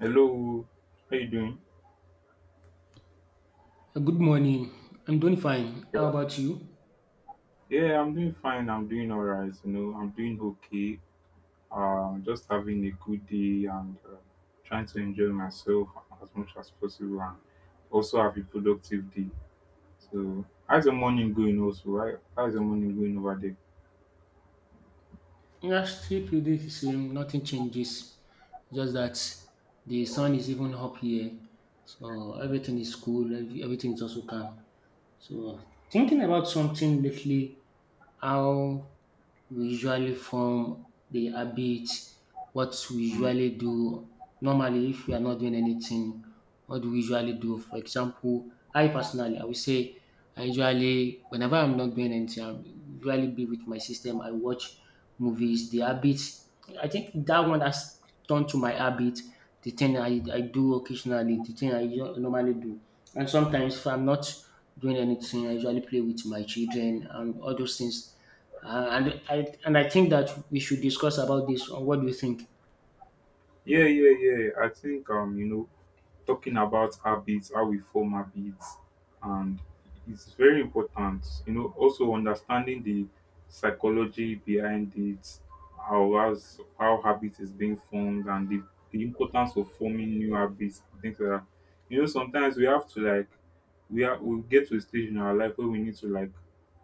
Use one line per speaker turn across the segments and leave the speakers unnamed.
Hello, how you doing?
Good morning. I'm doing fine.
Yeah.
How about you?
Yeah, I'm doing fine. I'm doing all right. You know, I'm doing okay. Just having a good day and trying to enjoy myself as much as possible and also have a productive day. So, how's the morning going also? How's the morning going over there?
Yeah, still pretty the same. Nothing changes. Just that the sun is even up here, so everything is cool. Everything is also calm. So thinking about something lately, how we usually form the habit, what we
Mm.
usually do. Normally, if we are not doing anything, what do we usually do? For example, I personally, I would say I usually, whenever I'm not doing anything, I usually be with my system. I watch movies. The habit, I think that one has turned to my habit. The thing I do occasionally, the thing normally do. And sometimes if I'm not doing anything, I usually play with my children and all those things. And I think that we should discuss about this. What do you think?
Yeah, yeah, yeah. I think talking about habits, how we form habits, and it's very important. You know, also understanding the psychology behind it, how habit is being formed, and the importance of forming new habits, things like that. You know, sometimes we have to like we get to a stage in our life where we need to like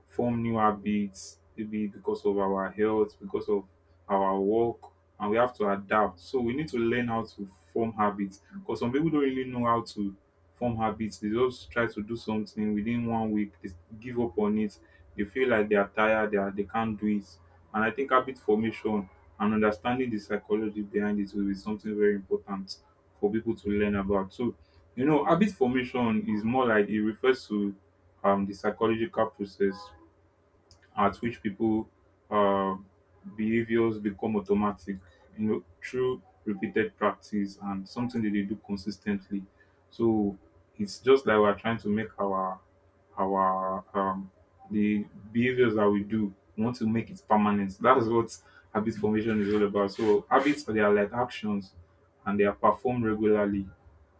form new habits, maybe because of our health, because of our work, and we have to adapt. So we need to learn how to form habits, because some people don't really know how to form habits. They just try to do something within one week, they give up on it. They feel like they are tired, they can't do it. And I think habit formation and understanding the psychology behind it will be something very important for people to learn about. So, you know, habit formation is more like it refers to the psychological process at which people, uh, behaviors become automatic, you know, through repeated practice and something that they do consistently. So it's just like we're trying to make our the behaviors that we do, we want to make it permanent. That is what habit formation is all about. So habits, they are like actions, and they are performed regularly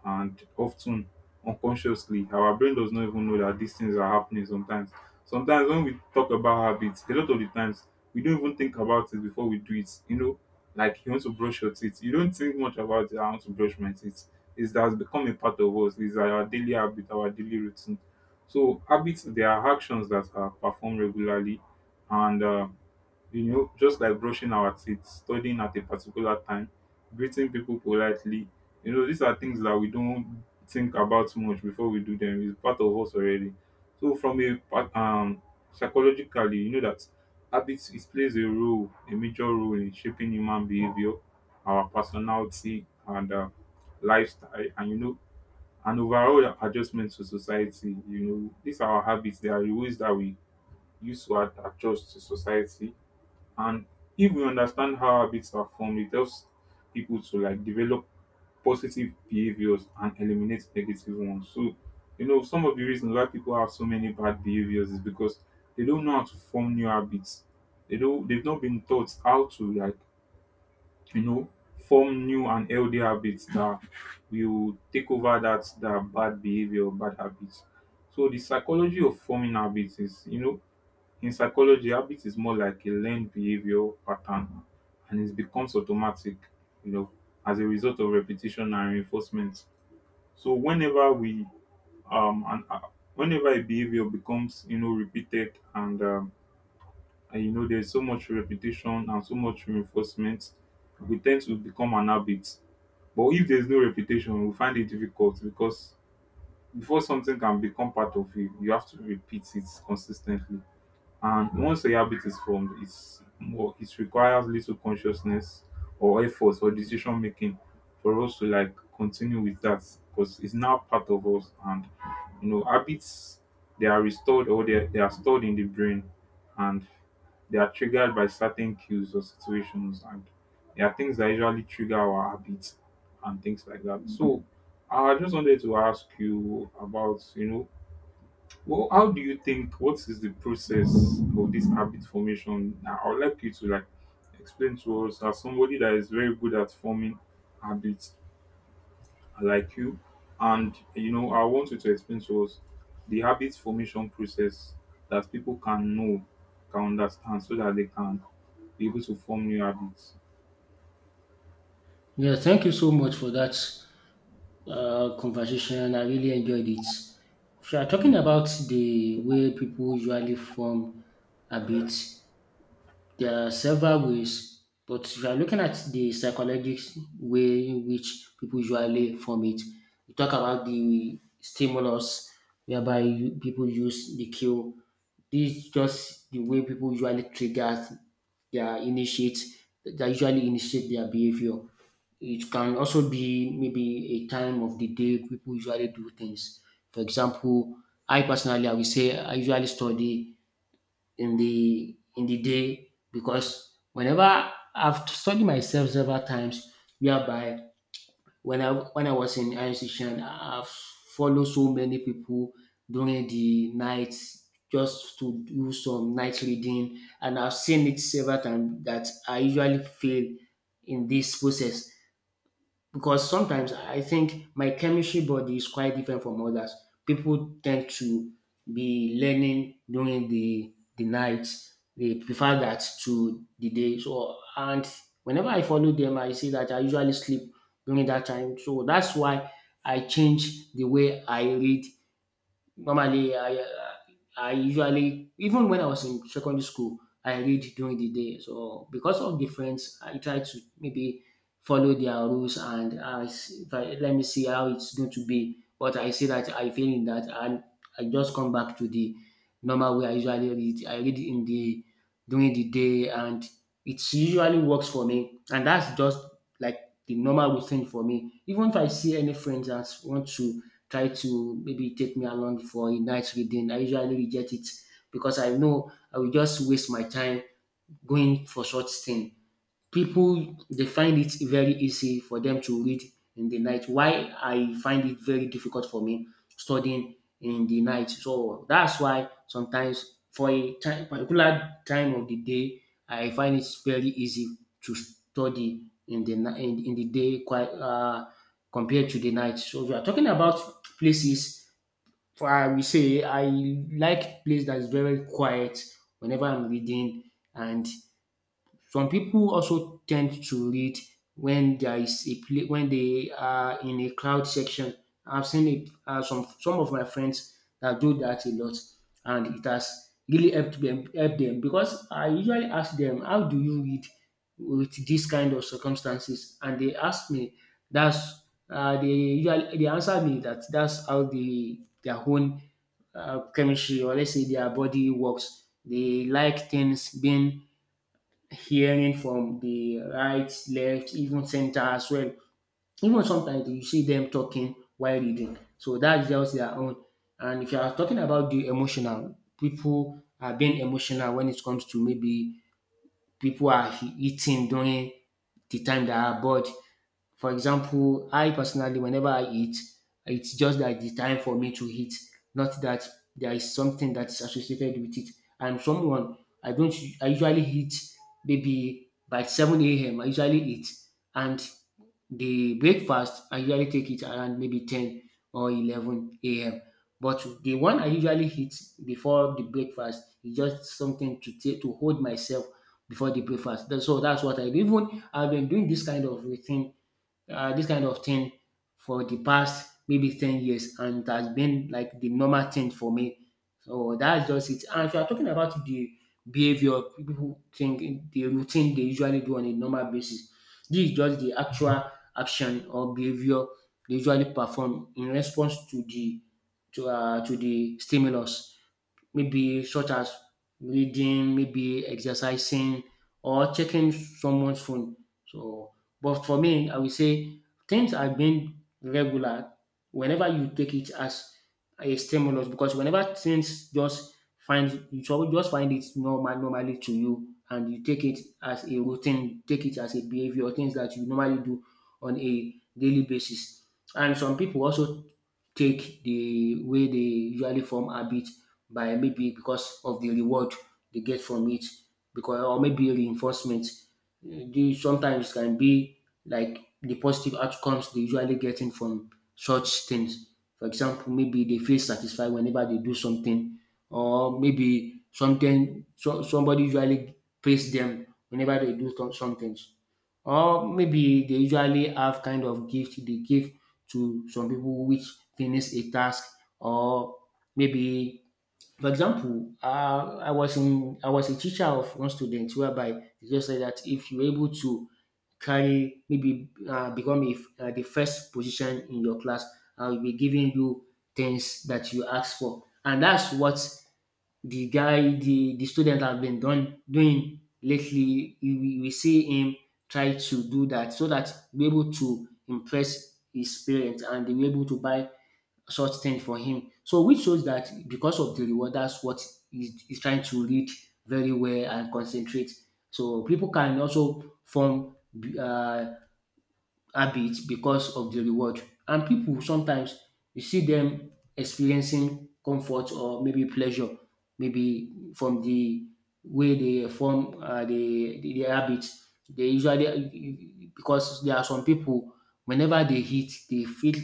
and often unconsciously. Our brain does not even know that these things are happening sometimes. When we talk about habits, a lot of the times we don't even think about it before we do it. You know, like you want to brush your teeth, you don't think much about it. I want to brush my teeth. It's that has become a part of us. It's our daily habit, our daily routine. So habits, they are actions that are performed regularly, and you know, just like brushing our teeth, studying at a particular time, greeting people politely. You know, these are things that we don't think about much before we do them. It's part of us already. So, psychologically, you know that habits, it plays a role, a major role in shaping human behavior, our personality, and lifestyle, and you know, and overall adjustment to society. You know, these are our habits. They are the ways that we use to adjust to society, and if we understand how habits are formed, it helps people to like develop positive behaviors and eliminate negative ones. So, you know, some of the reasons why people have so many bad behaviors is because they don't know how to form new habits. They don't, they've not been taught how to like, you know, form new and healthy habits that will take over that bad behavior, bad habits. So the psychology of forming habits is, you know, in psychology, habit is more like a learned behavior pattern and it becomes automatic, you know, as a result of repetition and reinforcement. So whenever we and whenever a behavior becomes, you know, repeated and you know, there's so much repetition and so much reinforcement, we tend to become an habit. But if there's no repetition, we find it difficult because before something can become part of you, you have to repeat it consistently. And once a habit is formed, it's more it requires little consciousness or effort or decision making for us to like continue with that, because it's now part of us. And you know, habits, they are restored or they are stored in the brain, and they are triggered by certain cues or situations, and there are things that usually trigger our habits and things like that. So I just wanted to ask you about, you know, well, how do you think? What is the process of this habit formation? Now, I would like you to like explain to us as somebody that is very good at forming habits like you, and you know, I want you to explain to us the habit formation process that people can know, can understand, so that they can be able to form new habits.
Yeah, thank you so much for that conversation. I really enjoyed it. If you are talking
Mm.
about the way people usually form habits, there are several ways, but if you are looking at the psychological way in which people usually form it, we talk about the stimulus whereby people use the cue. This is just the way people usually trigger their initiate, that usually initiate their behavior. It can also be maybe a time of the day people usually do things. For example, I personally, I will say I usually study in the day, because whenever I've studied myself several times whereby when I was in higher institution, I've followed so many people during the night just to do some night reading, and I've seen it several times that I usually fail in this process because sometimes I think my chemistry body is quite different from others. People tend to be learning during the night. They prefer that to the day. So, and whenever I follow them, I see that I usually sleep during that time. So that's why I change the way I read. Normally, I usually, even when I was in secondary school, I read during the day. So because of the friends, I try to maybe follow their rules, and I, s- if I- let me see how it's going to be. But I see that I fail in that, and I just come back to the normal way I usually read. I read in the during the day, and it usually works for me. And that's just like the normal routine for me. Even if I see any friends that want to try to maybe take me along for a night reading, I usually reject it because I know I will just waste my time going for such thing. People, they find it very easy for them to read in the night. Why I find it very difficult for me studying in the night. So that's why sometimes for a time, particular time of the day, I find it very easy to study in the day, quite compared to the night. So we are talking about places. For I will say I like place that is very quiet whenever I'm reading, and some people also tend to read when there is a pla when they are in a crowd section. I've seen it, some of my friends that do that a lot, and it has really helped them help them because I usually ask them, how do you read with this kind of circumstances, and they ask me, that's they usually, they answer me that's how their own chemistry, or let's say their body works. They like things being hearing from the right, left, even center as well. Even sometimes you see them talking while reading. So that's just their own. And if you are talking about the emotional, people are being emotional when it comes to maybe people are eating during the time they are bored. For example, I personally, whenever I eat, it's just that the time for me to eat, not that there is something that's associated with it. I'm someone I don't. I usually eat maybe by 7 a.m. I usually eat, and the breakfast I usually take it around maybe 10 or 11 a.m. But the one I usually eat before the breakfast is just something to take to hold myself before the breakfast. So that's what I do. Even I've been doing this kind of routine, this kind of thing for the past maybe 10 years, and it has been like the normal thing for me. So that's just it. And if you are talking about the behavior people think, the routine they usually do on a normal basis, this is just the actual action or behavior they usually perform in response to the stimulus, maybe such as reading, maybe exercising, or checking someone's phone. So, but for me, I will say things have been regular whenever you take it as a stimulus, because whenever things just find you just find it normally to you, and you take it as a routine, take it as a behavior, things that you normally do on a daily basis. And some people also take the way they usually form habit by, maybe, because of the reward they get from it, because or maybe reinforcement. These sometimes can be like the positive outcomes they usually getting from such things. For example, maybe they feel satisfied whenever they do something, or maybe somebody usually praise them whenever they do some things, or maybe they usually have kind of gift they give to some people which finish a task, or maybe, for example, I was a teacher of one student whereby he just said that if you're able to carry, maybe become the first position in your class, I will be giving you things that you ask for, and that's what the guy the student have been done doing lately. You will see him try to do that so that he be able to impress his parents, and they be able to buy such thing for him. So, which shows that because of the reward, that's what he's trying to read very well and concentrate. So people can also form uh, habit because of the reward. And people sometimes you see them experiencing comfort or maybe pleasure, maybe from the way they form their habits. They usually, because there are some people whenever they eat, they feel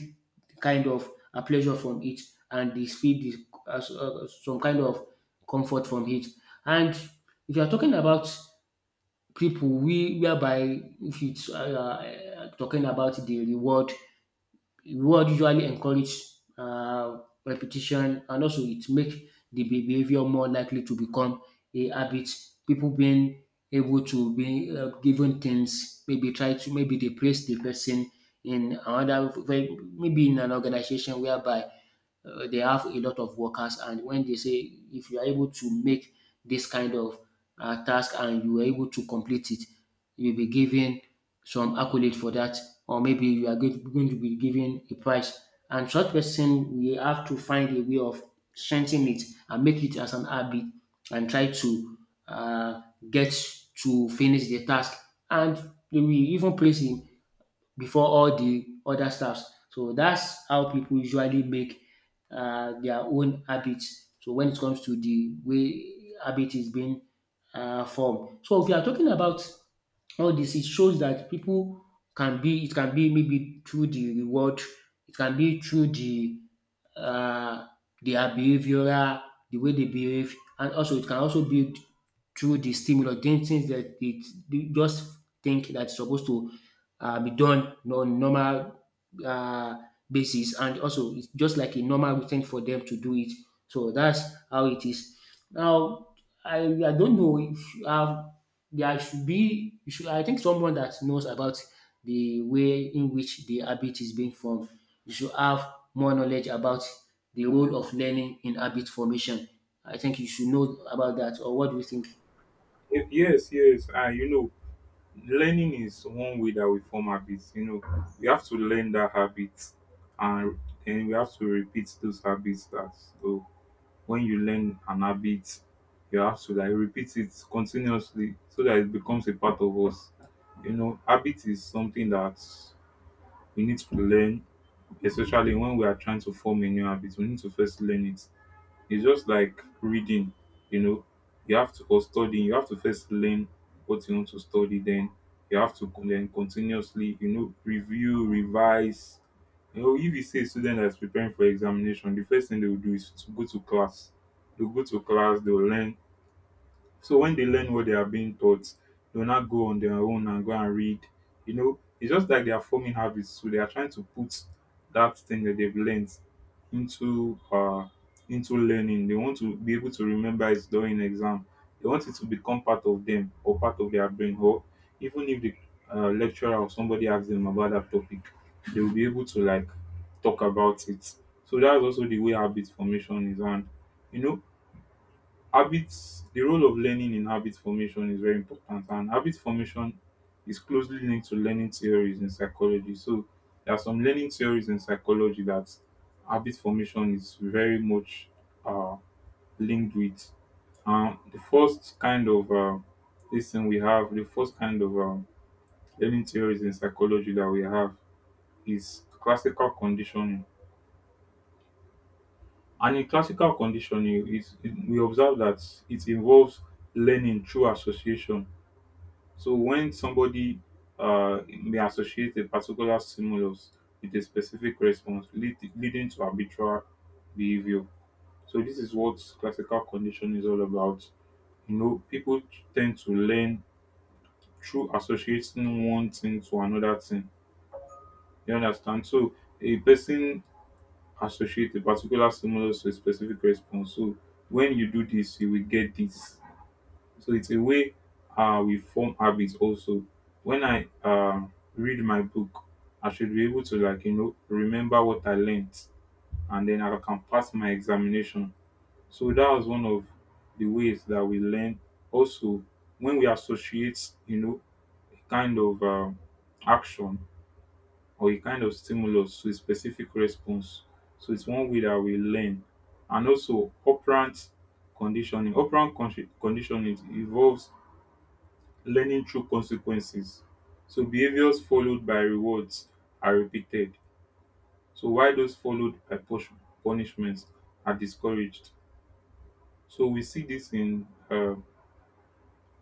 kind of a pleasure from it, and they feel some kind of comfort from it. And if you are talking about people we, whereby if it's talking about the reward, reward usually encourage uh, repetition, and also it make the behavior more likely to become a habit. People being able to be given things, maybe try to maybe they place the person in another, maybe in an organization whereby they have a lot of workers, and when they say if you are able to make this kind of task and you are able to complete it, you'll be given some accolade for that, or maybe you are going to be given a prize, and such person we have to find a way of strengthening it and make it as an habit, and try to uh, get to finish the task, and they will even place him before all the other stuffs. So that's how people usually make their own habits. So when it comes to the way habit is being form. So if you are talking about all this, it shows that people it can be maybe through the reward, it can be through uh, their behavioral, the way they behave, and also it can also be through the stimulus, doing things that it they just think that's supposed to be done on normal uh, basis, and also it's just like a normal routine for them to do it. So that's how it is. Now I don't know if um, there should be you should, I think, someone that knows about the way in which the habit is being formed. You should have more knowledge about the role of learning in habit formation. I think you should know about that. Or what do you think?
Yes, yes, I you know learning is one way that we form habits. You know, we have to learn that habit, and then we have to repeat those habits. That so when you learn an habit, you have to like repeat it continuously so that it becomes a part of us. You know, habit is something that we need to learn, especially when we are trying to form a new habit. We need to first learn it. It's just like reading, you know, you have to, or studying, you have to first learn what you want to study, then you have to then continuously, you know, review, revise. You know, if you see a student that's preparing for examination, the first thing they will do is to go to class. They'll go to class, they'll learn, so when they learn what they are being taught, they'll not go on their own and go and read. You know, it's just like they are forming habits. So they are trying to put that thing that they've learned into uh into learning. They want to be able to remember it during exam. They want it to become part of them or part of their brain. Or even if the lecturer or somebody asks them about that topic, they will be able to like talk about it. So that's also the way habit formation is. And you know, habits, the role of learning in habit formation is very important, and habit formation is closely linked to learning theories in psychology. So there are some learning theories in psychology that habit formation is very much uh, linked with. Um, the first kind of this thing we have the first kind of learning theories in psychology that we have is classical conditioning, and in classical conditioning is we observe that it involves learning through association. So when somebody may associate a particular stimulus with a specific response, leading to arbitral behavior. So this is what classical conditioning is all about. You know, people tend to learn through associating one thing to another thing. You understand? So a person associate a particular stimulus to a specific response. So when you do this, you will get this. So it's a way we form habits also. When I read my book, I should be able to like you know remember what I learned, and then I can pass my examination. So that was one of the ways that we learn. Also, when we associate, you know, a kind of action or a kind of stimulus to a specific response. So it's one way that we learn, and also operant conditioning. Conditioning involves learning through consequences. So behaviors followed by rewards are repeated. So why those followed by punishments are discouraged. So we see this in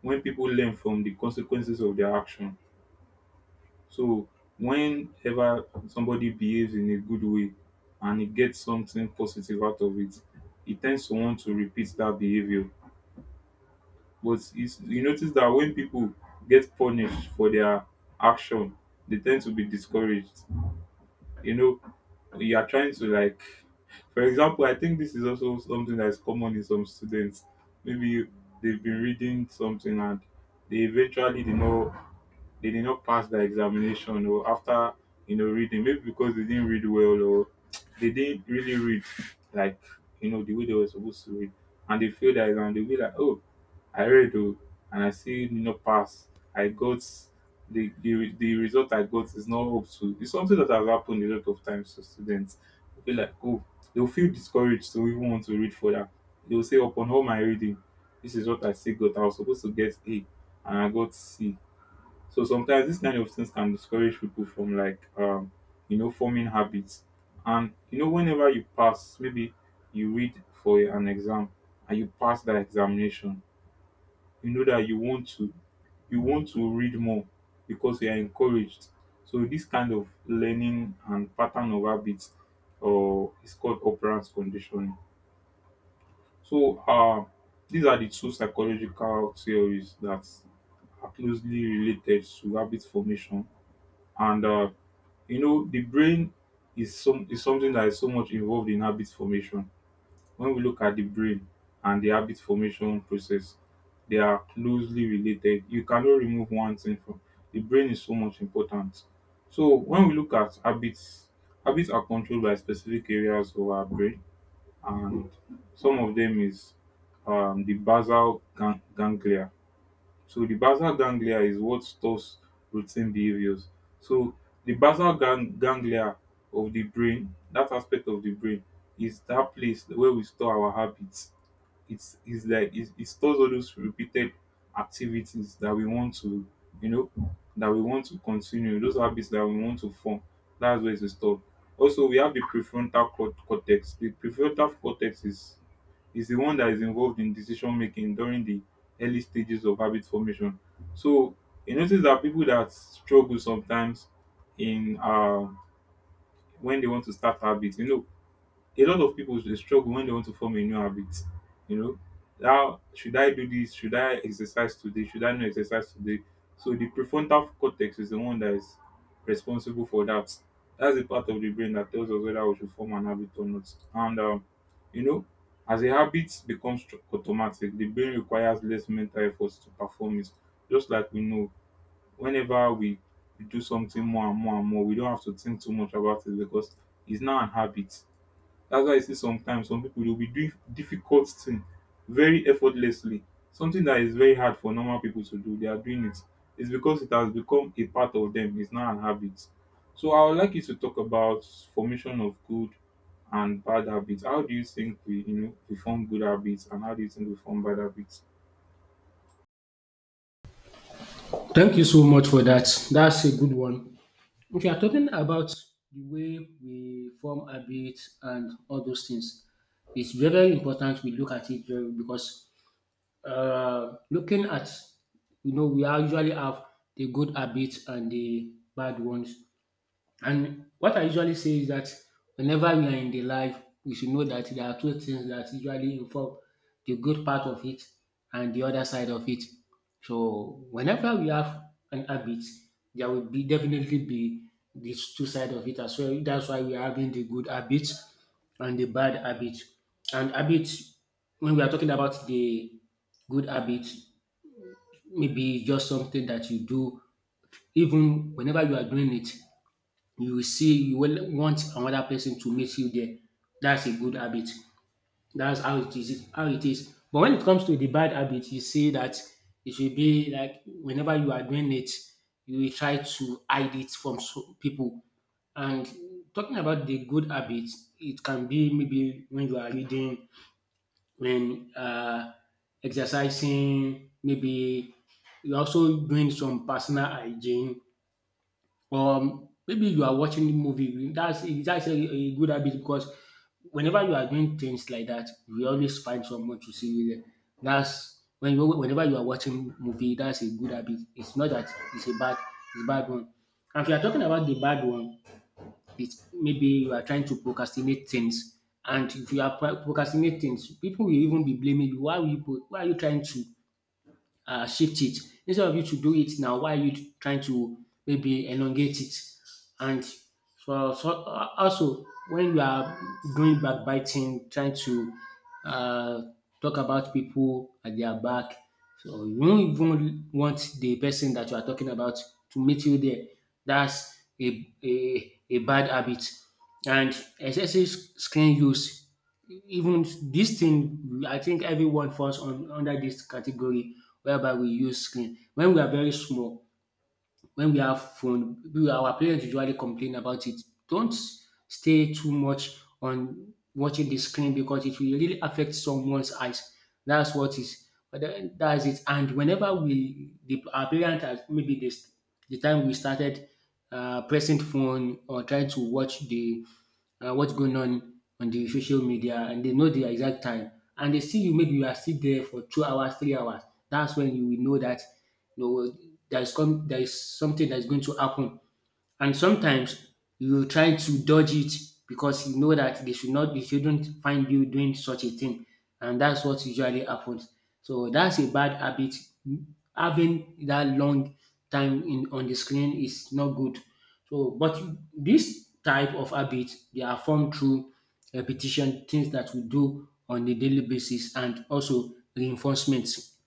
when people learn from the consequences of their action. So whenever somebody behaves in a good way and he gets something positive out of it, he tends to want to repeat that behavior. But it's, you notice that when people get punished for their action, they tend to be discouraged. You know, you are trying to like, for example, I think this is also something that is common in some students. Maybe they've been reading something and they eventually, you know, they did not pass the examination, or after, you know, reading, maybe because they didn't read well, or they didn't really read like, you know, the way they were supposed to read, and they failed that exam, and they'll be like, oh, I read oh, and I still did not pass. I got the, the result I got is not up to it's something that has happened a lot of times to students. They'll be like, oh, they'll feel discouraged to even want to read further. They'll say upon all my reading, this is what I still got. I was supposed to get a, and I got c. So sometimes these kind of things can discourage people from like, you know, forming habits. And you know, whenever you pass, maybe you read for an exam and you pass that examination, you know that you want to read more because you are encouraged. So this kind of learning and pattern of habits or it's called operance conditioning. So these are the 2 psychological theories that are closely related to habit formation and the brain is something that is so much involved in habit formation. When we look at the brain and the habit formation process, they are closely related. You cannot remove one thing from the brain is so much important. So when we look at habits, habits are controlled by specific areas of our brain, and some of them is the ganglia. So the basal ganglia is what stores routine behaviors. So the ganglia of the brain, that aspect of the brain, is that place where we store our habits. It stores all those repeated activities that we want to, you know, that we want to continue, those habits that we want to form. That's where it's stored. Also, we have the prefrontal cort- cortex. The prefrontal cortex is the one that is involved in decision making during the early stages of habit formation. So you notice that people that struggle sometimes in when they want to start habits, you know, a lot of people they struggle when they want to form a new habit. You know, how should I do this? Should I exercise today? Should I not exercise today? So the prefrontal cortex is the one that is responsible for that. That's the part of the brain that tells us whether we should form an habit or not. And you know, as a habit becomes automatic, the brain requires less mental efforts to perform it. Just like we know, whenever we do something more and more and more, we don't have to think too much about it because it's now an habit. That's why I see sometimes some people will be doing difficult thing very effortlessly. Something that is very hard for normal people to do, they are doing it. It's because it has become a part of them. It's now an habit. So I would like you to talk about formation of good and bad habits. How do you think we you know we form good habits and how do you think we form bad habits?
Thank you so much for that. That's a good one. If you are talking about the way we form habits and all those things, it's very, very important we look at it very because looking at we usually have the good habits and the bad ones, and what I usually say is that whenever we are in the life, we should know that there are two things that usually involve the good part of it and the other side of it. So whenever we have an habit, there will be definitely be these two sides of it as well. That's why we are having the good habits and the bad habit. And habits, when we are talking about the good habit, maybe it's just something that you do even whenever you are doing it. You will see you will want another person to meet you there. That's a good habit. That's how it is how it is. But when it comes to the bad habit, you see that it should be like whenever you are doing it, you will try to hide it from people. And talking about the good habits, it can be maybe when you are reading, when exercising, maybe you're also doing some personal hygiene, maybe you are watching the movie. That's a good habit, because whenever you are doing things like that you will always find someone to see you there. That's when you whenever you are watching movie, that's a good habit. It's not that it's a bad, it's a bad one. And if you are talking about the bad one, it's maybe you are trying to procrastinate things, and if you are procrastinate things, people will even be blaming you. Why are you why are you trying to shift it? Instead of you to do it now, why are you trying to maybe elongate it? And for so, also when you are doing backbiting, trying to uh, talk about people at their back, so you don't even want the person that you are talking about to meet you there. That's a bad habit. And excessive screen use, even this thing, I think everyone falls on under this category whereby we use screen. When we are very small, when we have phone, our parents usually complain about it. Don't stay too much on watching the screen, because it will really affect someone's eyes. That's what is. But then that's it. And whenever we, the, our parents, are- maybe this, the time we started pressing phone or trying to watch the what's going on the social media, and they know the exact time, and they see you maybe you are still there for 2 hours 3 hours, that's when you will know that, you know, there is come there is something that is going to happen. And sometimes you will try to dodge it, because you know that they should not they shouldn't find you doing such a thing. And that's what usually happens. So that's a bad habit. Having that long time in on the screen is not good. So but this type of habit they are formed through repetition, things that we do on a daily basis, and also reinforcements.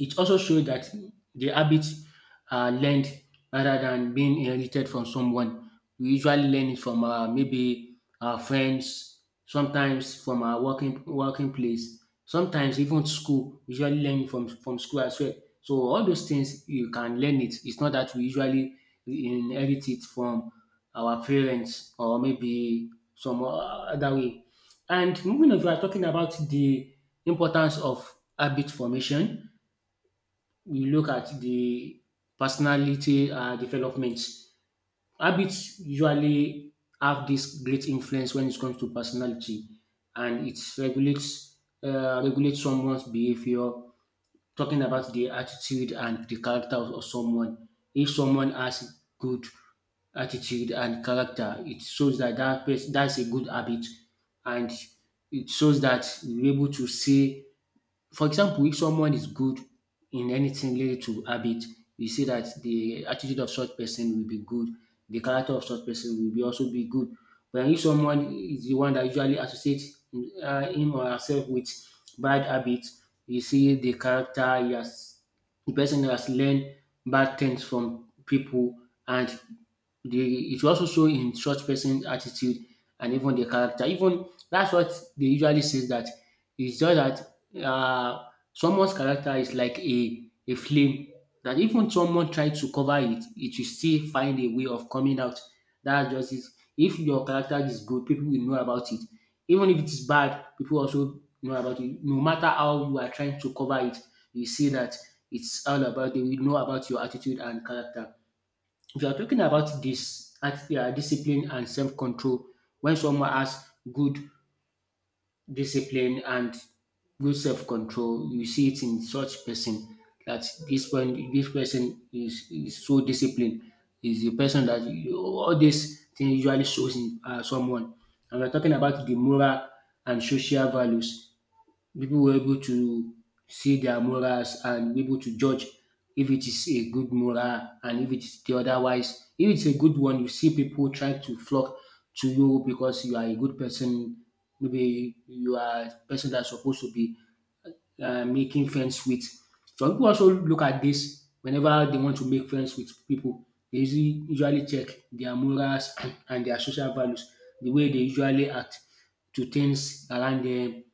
It also shows that the habits are learned rather than being inherited from someone. We usually learn it from our maybe our friends, sometimes from our working place, sometimes even school. We usually learn from school as well. So all those things you can learn it. It's not that we usually inherit it from our parents or maybe some other way. And moving on, we are talking about the importance of habit formation. We look at the personality development. Habits usually have this great influence when it comes to personality, and it regulates, regulates someone's behavior. Talking about the attitude and the character of someone. If someone has good attitude and character, it shows that that person, that's a good habit, and it shows that you're able to see. For example, if someone is good in anything related to habit, you see that the attitude of such person will be good, the character of such person will be also be good. But if someone is the one that usually associates him or herself with bad habits, you see the character he has, the person has learned bad things from people, and the it will also show in such person's attitude and even the character. Even that's what they usually says, that it's just that uh, someone's character is like a flame that even someone try to cover it, it will still find a way of coming out. That's just it. If your character is good, people will know about it. Even if it is bad, people also know about it. No matter how you are trying to cover it, you see that it's all about they will know about your attitude and character. If you are talking about this at discipline and self control, when someone has good discipline and good self-control, you see it in such person that this one this person is so disciplined, is the person that all these things usually shows in someone. And we're talking about the moral and social values. People were able to see their morals and be able to judge if it is a good moral and if it is the otherwise. If it's a good one, you see people try to flock to you because you are a good person. Maybe you are a person that's supposed to be making friends with. Some people also look at this whenever they want to make friends with people. They usually check their morals and their social values, the way they usually act to things around them,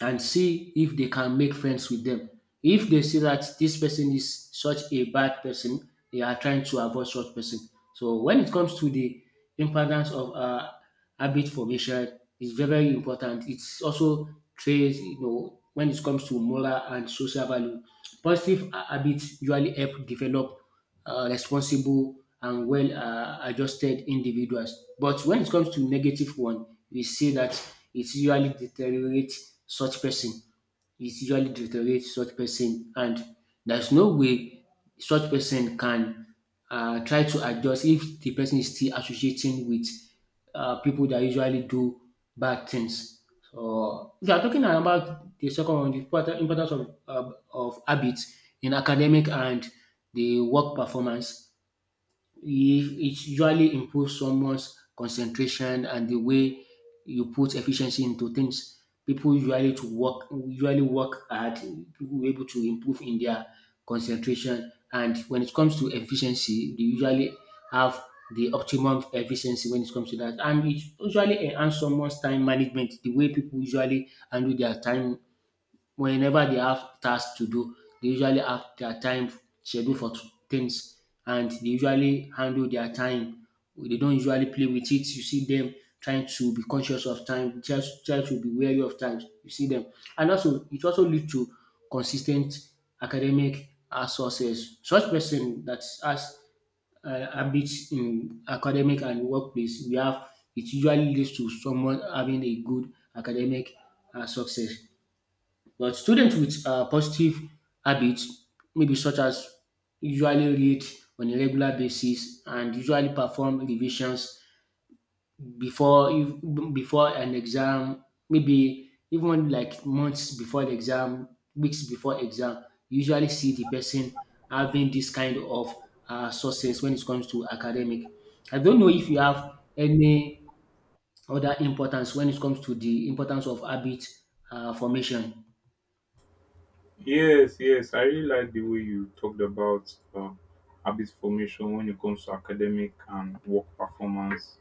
and see if they can make friends with them. If they see that this person is such a bad person, they are trying to avoid such person. So when it comes to the importance of habit formation, it's very very important. It's also trace, you know, when it comes to moral and social value. Positive habits usually help develop responsible and well adjusted individuals. But when it comes to negative one, we see that it usually deteriorates such person. It usually deteriorates such person, and there's no way such person can try to adjust if the person is still associating with people that usually do bad things. So we are talking about the second one, the important importance of habits in academic and the work performance. It it usually improves someone's concentration and the way you put efficiency into things. People usually to work usually work hard, people were able to improve in their concentration, and when it comes to efficiency they usually have the optimum efficiency when it comes to that. And it usually enhance someone's time management, the way people usually handle their time. Whenever they have tasks to do, they usually have their time scheduled for things, and they usually handle their time. They don't usually play with it. You see them trying to be conscious of time, just try to be wary of time. You see them. And also it also leads to consistent academic success. Such person that has habits in academic and workplace we have, it usually leads to someone having a good academic success. But students with positive habits, maybe such as usually read on a regular basis and usually perform revisions before before an exam, maybe even like months before the exam, weeks before exam, you usually see the person having this kind of success when it comes to academic. I don't know if you have any other importance when it comes to the importance of habit formation.
Yes, yes. I really like the way you talked about habit formation when it comes to academic and work performance,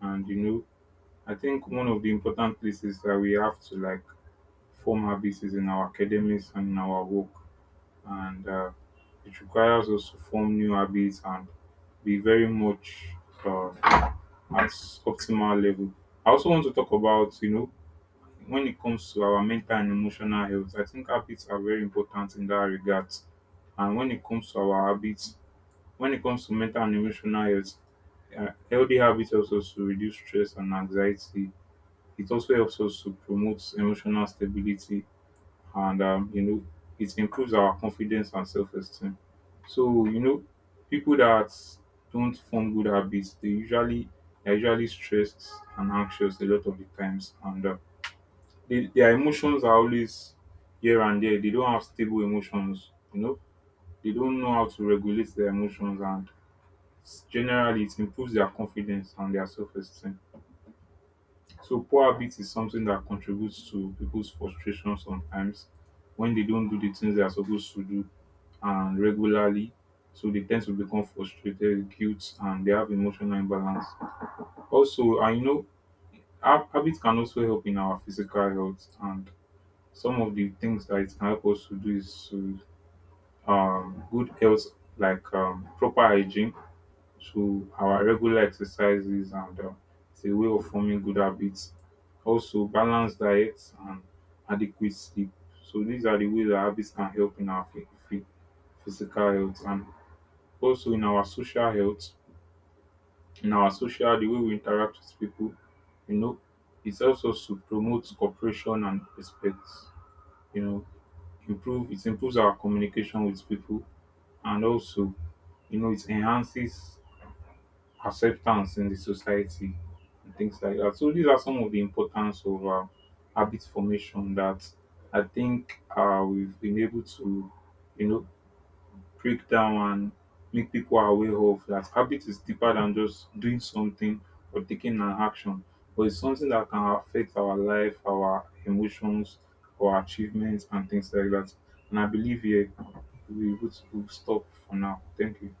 and you know I think one of the important places that we have to like form habits is in our academics and in our work, and it requires us to form new habits and be very much uh, at optimal level. I also want to talk about, you know, when it comes to our mental and emotional health. I think habits are very important in that regard, and when it comes to our habits, when it comes to mental and emotional health, healthy habits helps us to reduce stress and anxiety. It also helps us to promote emotional stability, and you know it improves our confidence and self-esteem. So you know people that don't form good habits they're usually stressed and anxious a lot of the times, and their emotions are always here and there. They don't have stable emotions. You know they don't know how to regulate their emotions, and generally it improves their confidence and their self-esteem. So poor habit is something that contributes to people's frustration sometimes when they don't do the things they are supposed to do and regularly. So they tend to become frustrated, guilt, and they have emotional imbalance. Also, I know habit can also help in our physical health, and some of the things that it can help us to do is to good health, like proper hygiene, so our regular exercises, and it's a way of forming good habits. Also, balanced diet and adequate sleep. So these are the ways that habits can help in our physical health and also in our social health. In our social, the way we interact with people, you know, it's also to promote cooperation and respect. You know, improve it improves our communication with people, and also, you know, it enhances acceptance in the society and things like that. So these are some of the importance of habit formation that I think we've been able to, you know, break down and make people aware of, that habit is deeper than just doing something or taking an action, but it's something that can affect our life, our emotions, our achievements, and things like that. And I believe here we'll be able to stop for now. Thank you.